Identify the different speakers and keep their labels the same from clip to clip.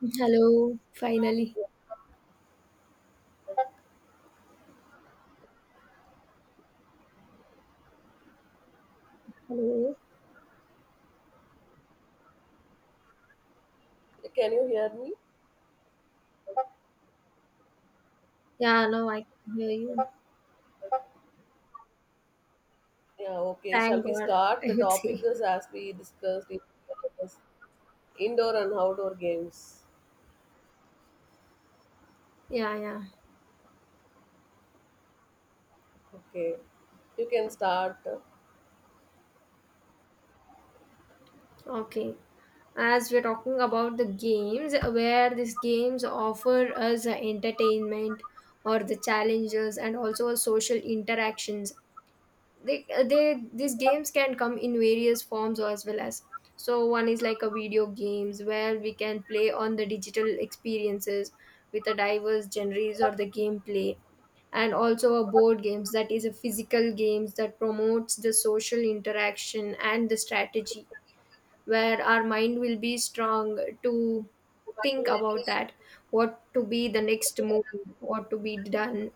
Speaker 1: Hello, finally. Hello.
Speaker 2: Can you hear me?
Speaker 1: Yeah, now I can hear you.
Speaker 2: Yeah, okay. Shall
Speaker 1: Thank
Speaker 2: we
Speaker 1: God,
Speaker 2: start?
Speaker 1: I
Speaker 2: The
Speaker 1: would
Speaker 2: topic
Speaker 1: say.
Speaker 2: is as we discussed it was indoor and outdoor games.
Speaker 1: Yeah, yeah.
Speaker 2: Okay, you can start.
Speaker 1: Okay. As we're talking about the games, where these games offer us entertainment or the challenges and also social interactions, they these games can come in various forms as well as, so one is like a video games where we can play on the digital experiences with the diverse genres or the gameplay, and also a board games that is a physical games that promotes the social interaction and the strategy, where our mind will be strong to think about that, what to be the next move, what to be done,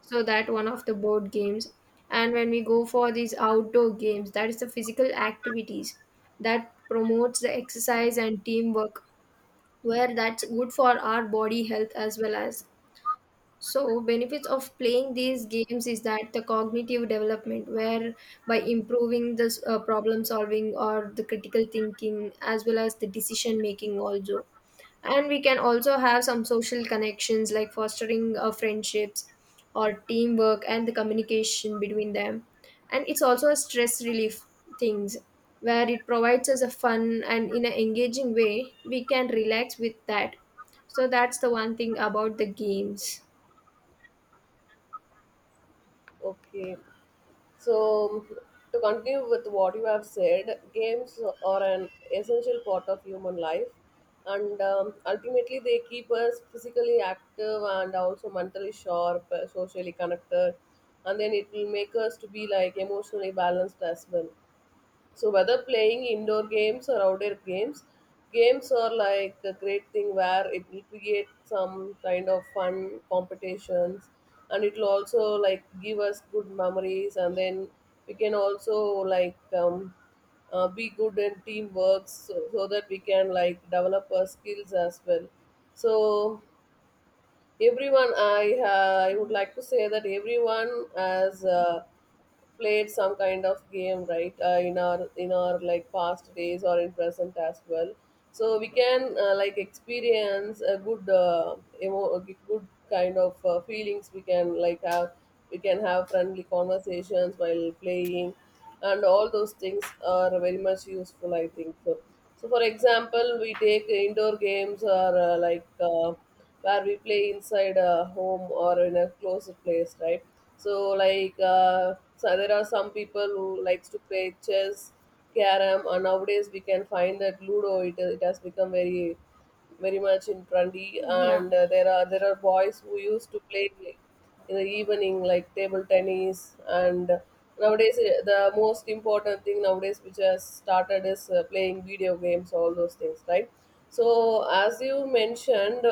Speaker 1: so that one of the board games. And when we go for these outdoor games, that is the physical activities that promotes the exercise and teamwork, where that's good for our body health as well as. So, benefits of playing these games is that the cognitive development, where by improving the problem solving or the critical thinking, as well as the decision making, also. And we can also have some social connections like fostering friendships or teamwork and the communication between them. And it's also a stress relief things, where it provides us a fun and in an engaging way we can relax with that. So that's the one thing about the games.
Speaker 2: Okay, so to continue with what you have said, games are an essential part of human life, and ultimately they keep us physically active and also mentally sharp, socially connected, and then it will make us to be like emotionally balanced as well. So whether playing indoor games or outdoor games, games are like a great thing where it will create some kind of fun competitions and it will also like give us good memories, and then we can also like be good in teamwork, so that we can like develop our skills as well. So everyone, I would like to say that everyone has. Played some kind of game, right, in our like past days or in present as well. So we can like experience a good a good kind of feelings we can like have. We can have friendly conversations while playing, and all those things are very much useful, I think. So, so for example we take indoor games, or where we play inside a home or in a closed place, right? So so there are some people who likes to play chess, carom, and nowadays we can find that ludo, it has become very very much in trendy.
Speaker 1: Yeah.
Speaker 2: And there are boys who used to play in the evening, like table tennis. And nowadays the most important thing nowadays which has started is playing video games, all those things, right? So as you mentioned,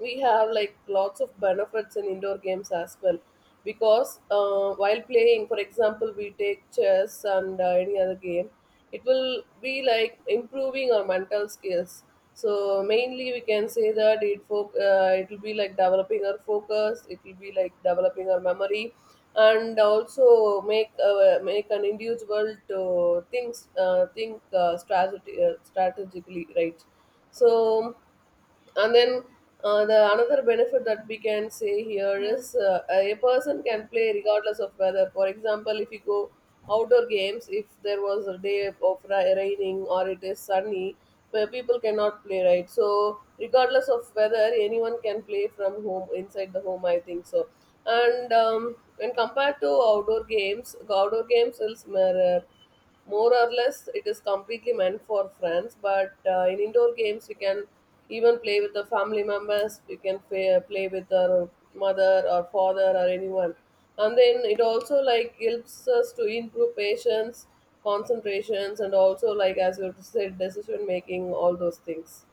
Speaker 2: we have like lots of benefits in indoor games as well, because while playing, for example, we take chess and any other game, it will be like improving our mental skills. So mainly we can say that it will be like developing our focus, it will be like developing our memory, and also make an individual to strategically, right? So, and then the another benefit that we can say here
Speaker 1: Yeah.
Speaker 2: is a person can play regardless of weather. For example, if you go outdoor games, if there was a day of raining or it is sunny, where people cannot play, right? So regardless of weather, anyone can play from home, inside the home, I think. So, and when compared to outdoor games, outdoor games is more or less it is completely meant for friends. But in indoor games, we can even play with the family members, we can play with our mother or father or anyone. And then it also like helps us to improve patience, concentrations, and also like, as you said, decision making, all those things.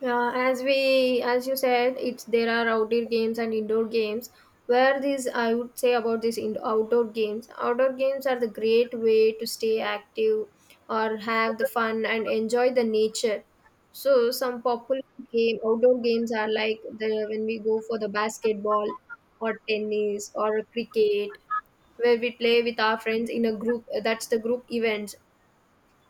Speaker 1: Yeah, as you said, it's there are outdoor games and indoor games. Where these I would say about these in outdoor games. Outdoor games are the great way to stay active or have the fun and enjoy the nature. So some popular game outdoor games are like the, when we go for the basketball or tennis or cricket, where we play with our friends in a group, that's the group events.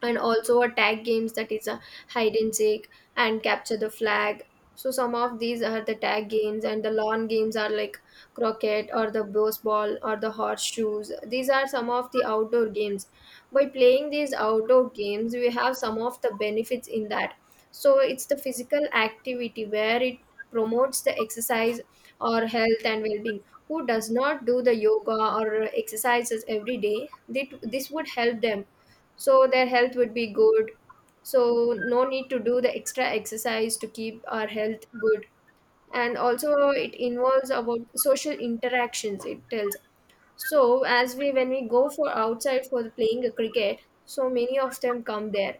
Speaker 1: And also a tag games, that is a hide and seek and capture the flag, so some of these are the tag games. And the lawn games are like croquet or the baseball or the horseshoes, these are some of the outdoor games. By playing these outdoor games, we have some of the benefits in that. So it's the physical activity where it promotes the exercise or health and well-being. Who does not do the yoga or exercises every day, they, this would help them, so their health would be good. So no need to do the extra exercise to keep our health good. And also it involves about social interactions, it tells. So as we, when we go for outside for playing a cricket, so many of them come there,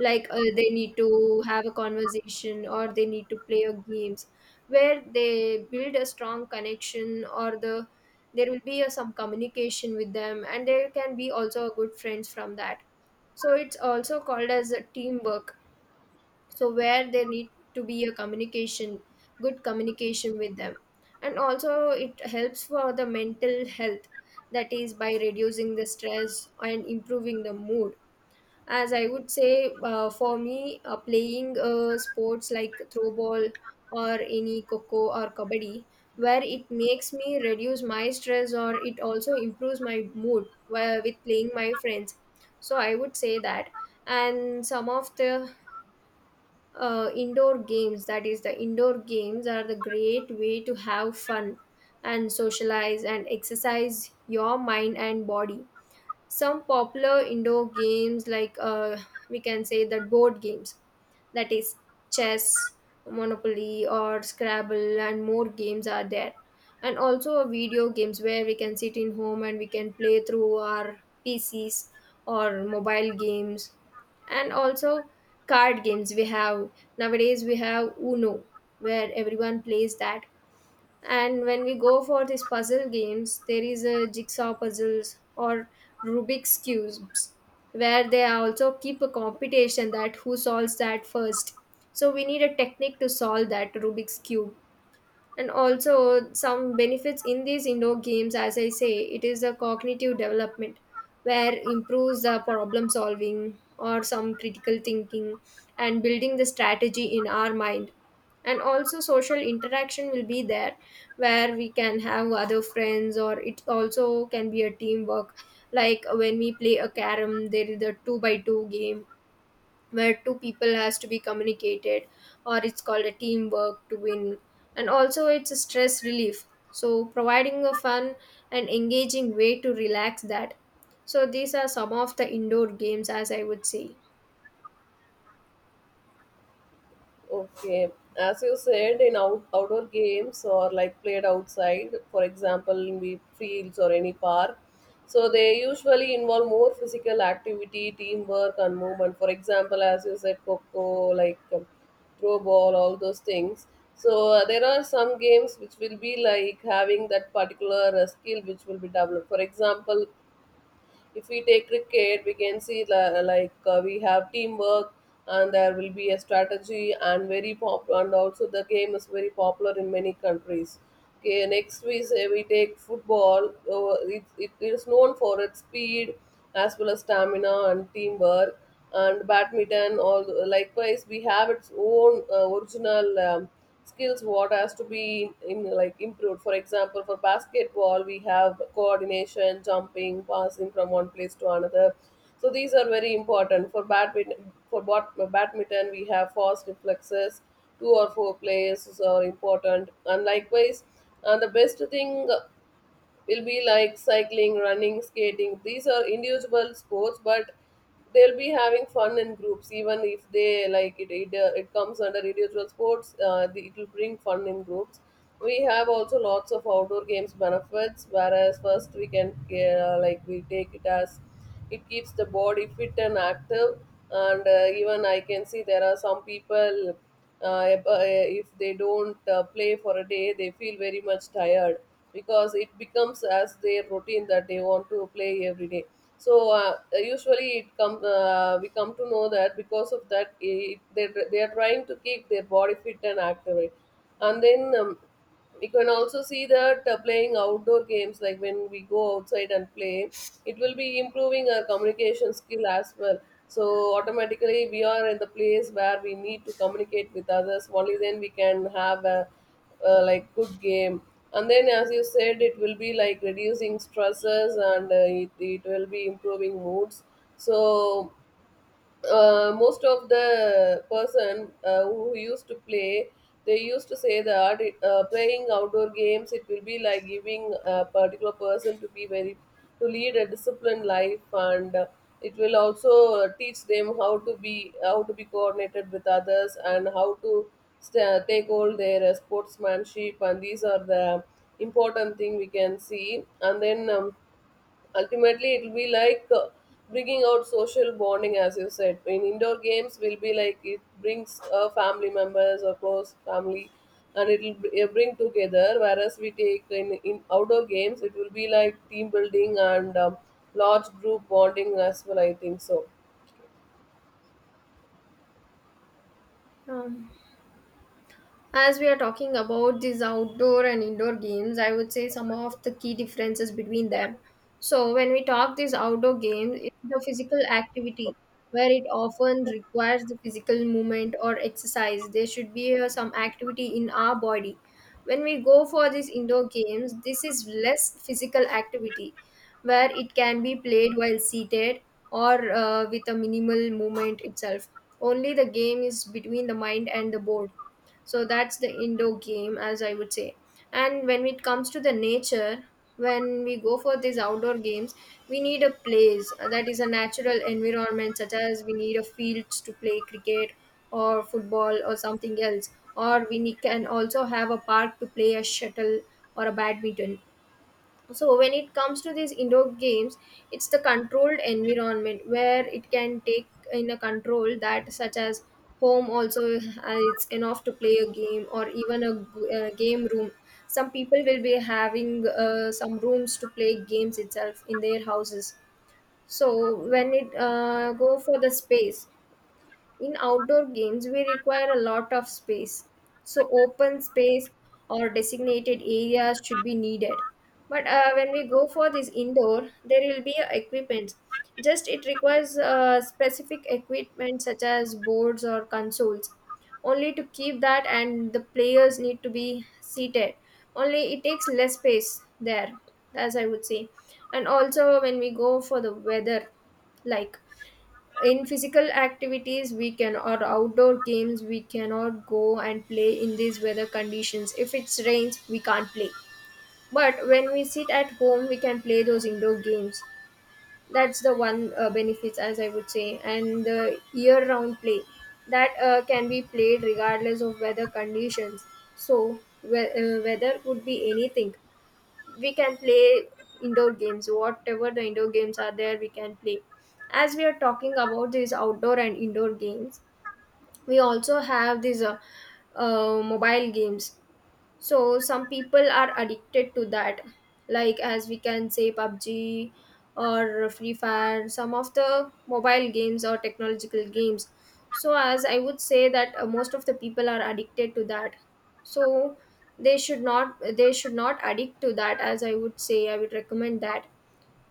Speaker 1: like they need to have a conversation or they need to play a games, where they build a strong connection, or the there will be a, some communication with them, and there can be also a good friends from that. So it's also called as a teamwork. So where there need to be a communication, good communication with them. And also it helps for the mental health, that is by reducing the stress and improving the mood. As I would say, for me, playing sports like throw ball or any coco or kabaddi, where it makes me reduce my stress or it also improves my mood, where, with playing my friends. So I would say that. And some of the indoor games, that is, the indoor games are the great way to have fun and socialize and exercise your mind and body. Some popular indoor games like we can say that board games, that is chess, monopoly or scrabble, and more games are there. And also video games, where we can sit in home and we can play through our PCs or mobile games. And also card games we have, nowadays we have Uno, where everyone plays that. And when we go for these puzzle games, there is a jigsaw puzzles or Rubik's cubes, where they also keep a competition that who solves that first. So we need a technique to solve that Rubik's cube. And also some benefits in these indoor games, as I say, it is a cognitive development, where improves the problem solving or some critical thinking, and building the strategy in our mind. And also social interaction will be there, where we can have other friends, or it also can be a teamwork. Like when we play a carom, there is a two by two game, where two people has to be communicated, or it's called a teamwork to win. And also it's a stress relief, so providing a fun and engaging way to relax that. So these are some of the indoor games as I would say.
Speaker 2: Okay, as you said, in outdoor games, or like played outside, for example, in the fields or any park, so they usually involve more physical activity, teamwork, and movement. For example, as you said, coco, like throw ball, all those things. So there are some games which will be like having that particular skill which will be developed. For example, if we take cricket, we can see we have teamwork, and there will be a strategy, and very pop, and also the game is very popular in many countries. Okay, next we say we take football, it is known for its speed as well as stamina and teamwork, and badminton, all likewise we have its own original skills what has to be in like improved. For example, for basketball we have coordination, jumping, passing from one place to another, so these are very important. For badminton, for badminton we have fast reflexes, two or four players are important, and likewise. And the best thing will be like cycling, running, skating. These are individual sports, but they'll be having fun in groups. Even if they like it, it comes under individual sports. It will bring fun in groups. We have also lots of outdoor games benefits. Whereas first we can like we take it as it keeps the body fit and active. And even I can see there are some people uh, ab- uh, if they don't play for a day, they feel very much tired, because it becomes as their routine that they want to play every day. So usually it come we come to know that because of that, they are trying to keep their body fit and active. And then we can also see that playing outdoor games, like when we go outside and play, it will be improving our communication skill as well. So automatically we are in the place where we need to communicate with others. Only then we can have a like good game. And then, as you said, it will be like reducing stresses, and it will be improving moods. So most of the person who used to play, they used to say that playing outdoor games, it will be like giving a particular person to be very to lead a disciplined life, and it will also teach them how to be coordinated with others, and how to sta take all their sportsmanship. And these are the important thing we can see. And then ultimately it will be like bringing out social bonding. As you said, in indoor games will be like it brings family members or close family, and it will bring together, whereas we take in outdoor games it will be like team building and large group bonding as well, I think. So
Speaker 1: um, As we are talking about these outdoor and indoor games, I would say some of the key differences between them. So, when we talk these outdoor games, it's the physical activity where it often requires the physical movement or exercise. There should be some activity in our body. When we go for these indoor games, this is less physical activity, where it can be played while seated or with a minimal movement itself. Only the game is between the mind and the board, so that's the indoor game as I would say. And when it comes to the nature, when we go for these outdoor games, we need a place that is a natural environment, such as we need a fields to play cricket or football or something else, or we need, can also have a park to play a shuttle or a badminton. So when it comes to these indoor games, it's the controlled environment where it can take in a control, that such as home also, it's enough to play a game, or even a, game room. Some people will be having some rooms to play games itself in their houses. So when it go for the space, in outdoor games, we require a lot of space, so open space or designated areas should be needed. But when we go for this indoor, there will be a equipment. Just it requires specific equipment such as boards or consoles, only to keep that, and the players need to be seated. Only it takes less space there, as I would say. And also when we go for the weather, like, in physical activities we can, or outdoor games we cannot go and play in these weather conditions. If it's rains, we can't play. But when we sit at home, we can play those indoor games. That's the one benefits as I would say. And the year round play, that can be played regardless of weather conditions, so weather could be anything, we can play indoor games, whatever the indoor games are there we can play. As we are talking about these outdoor and indoor games, we also have these mobile games. So some people are addicted to that, like as we can say PUBG or Free Fire, some of the mobile games or technological games. So as I would say that most of the people are addicted to that. So they should not addict to that, as I would say, I would recommend that.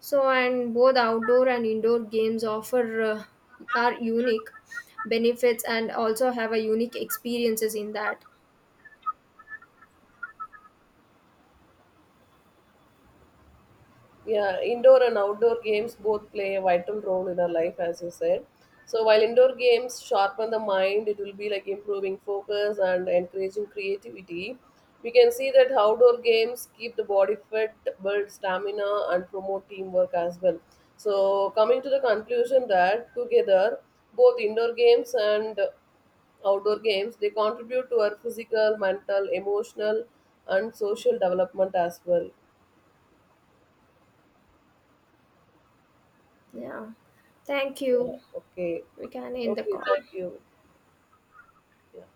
Speaker 1: So, and both outdoor and indoor games offer are unique benefits, and also have a unique experiences in that.
Speaker 2: yeah, indoor and outdoor games both play a vital role in our life, as you said. So while indoor games sharpen the mind, it will be like improving focus and encouraging creativity. We can see that outdoor games keep the body fit, build stamina, and promote teamwork as well. So coming to the conclusion that together, both indoor games and outdoor games, they contribute to our physical, mental, emotional, and social development as well.
Speaker 1: Yeah. Thank
Speaker 2: Yeah.
Speaker 1: you.
Speaker 2: Okay.
Speaker 1: We can end the
Speaker 2: Okay.
Speaker 1: call.
Speaker 2: Thank you. Yeah.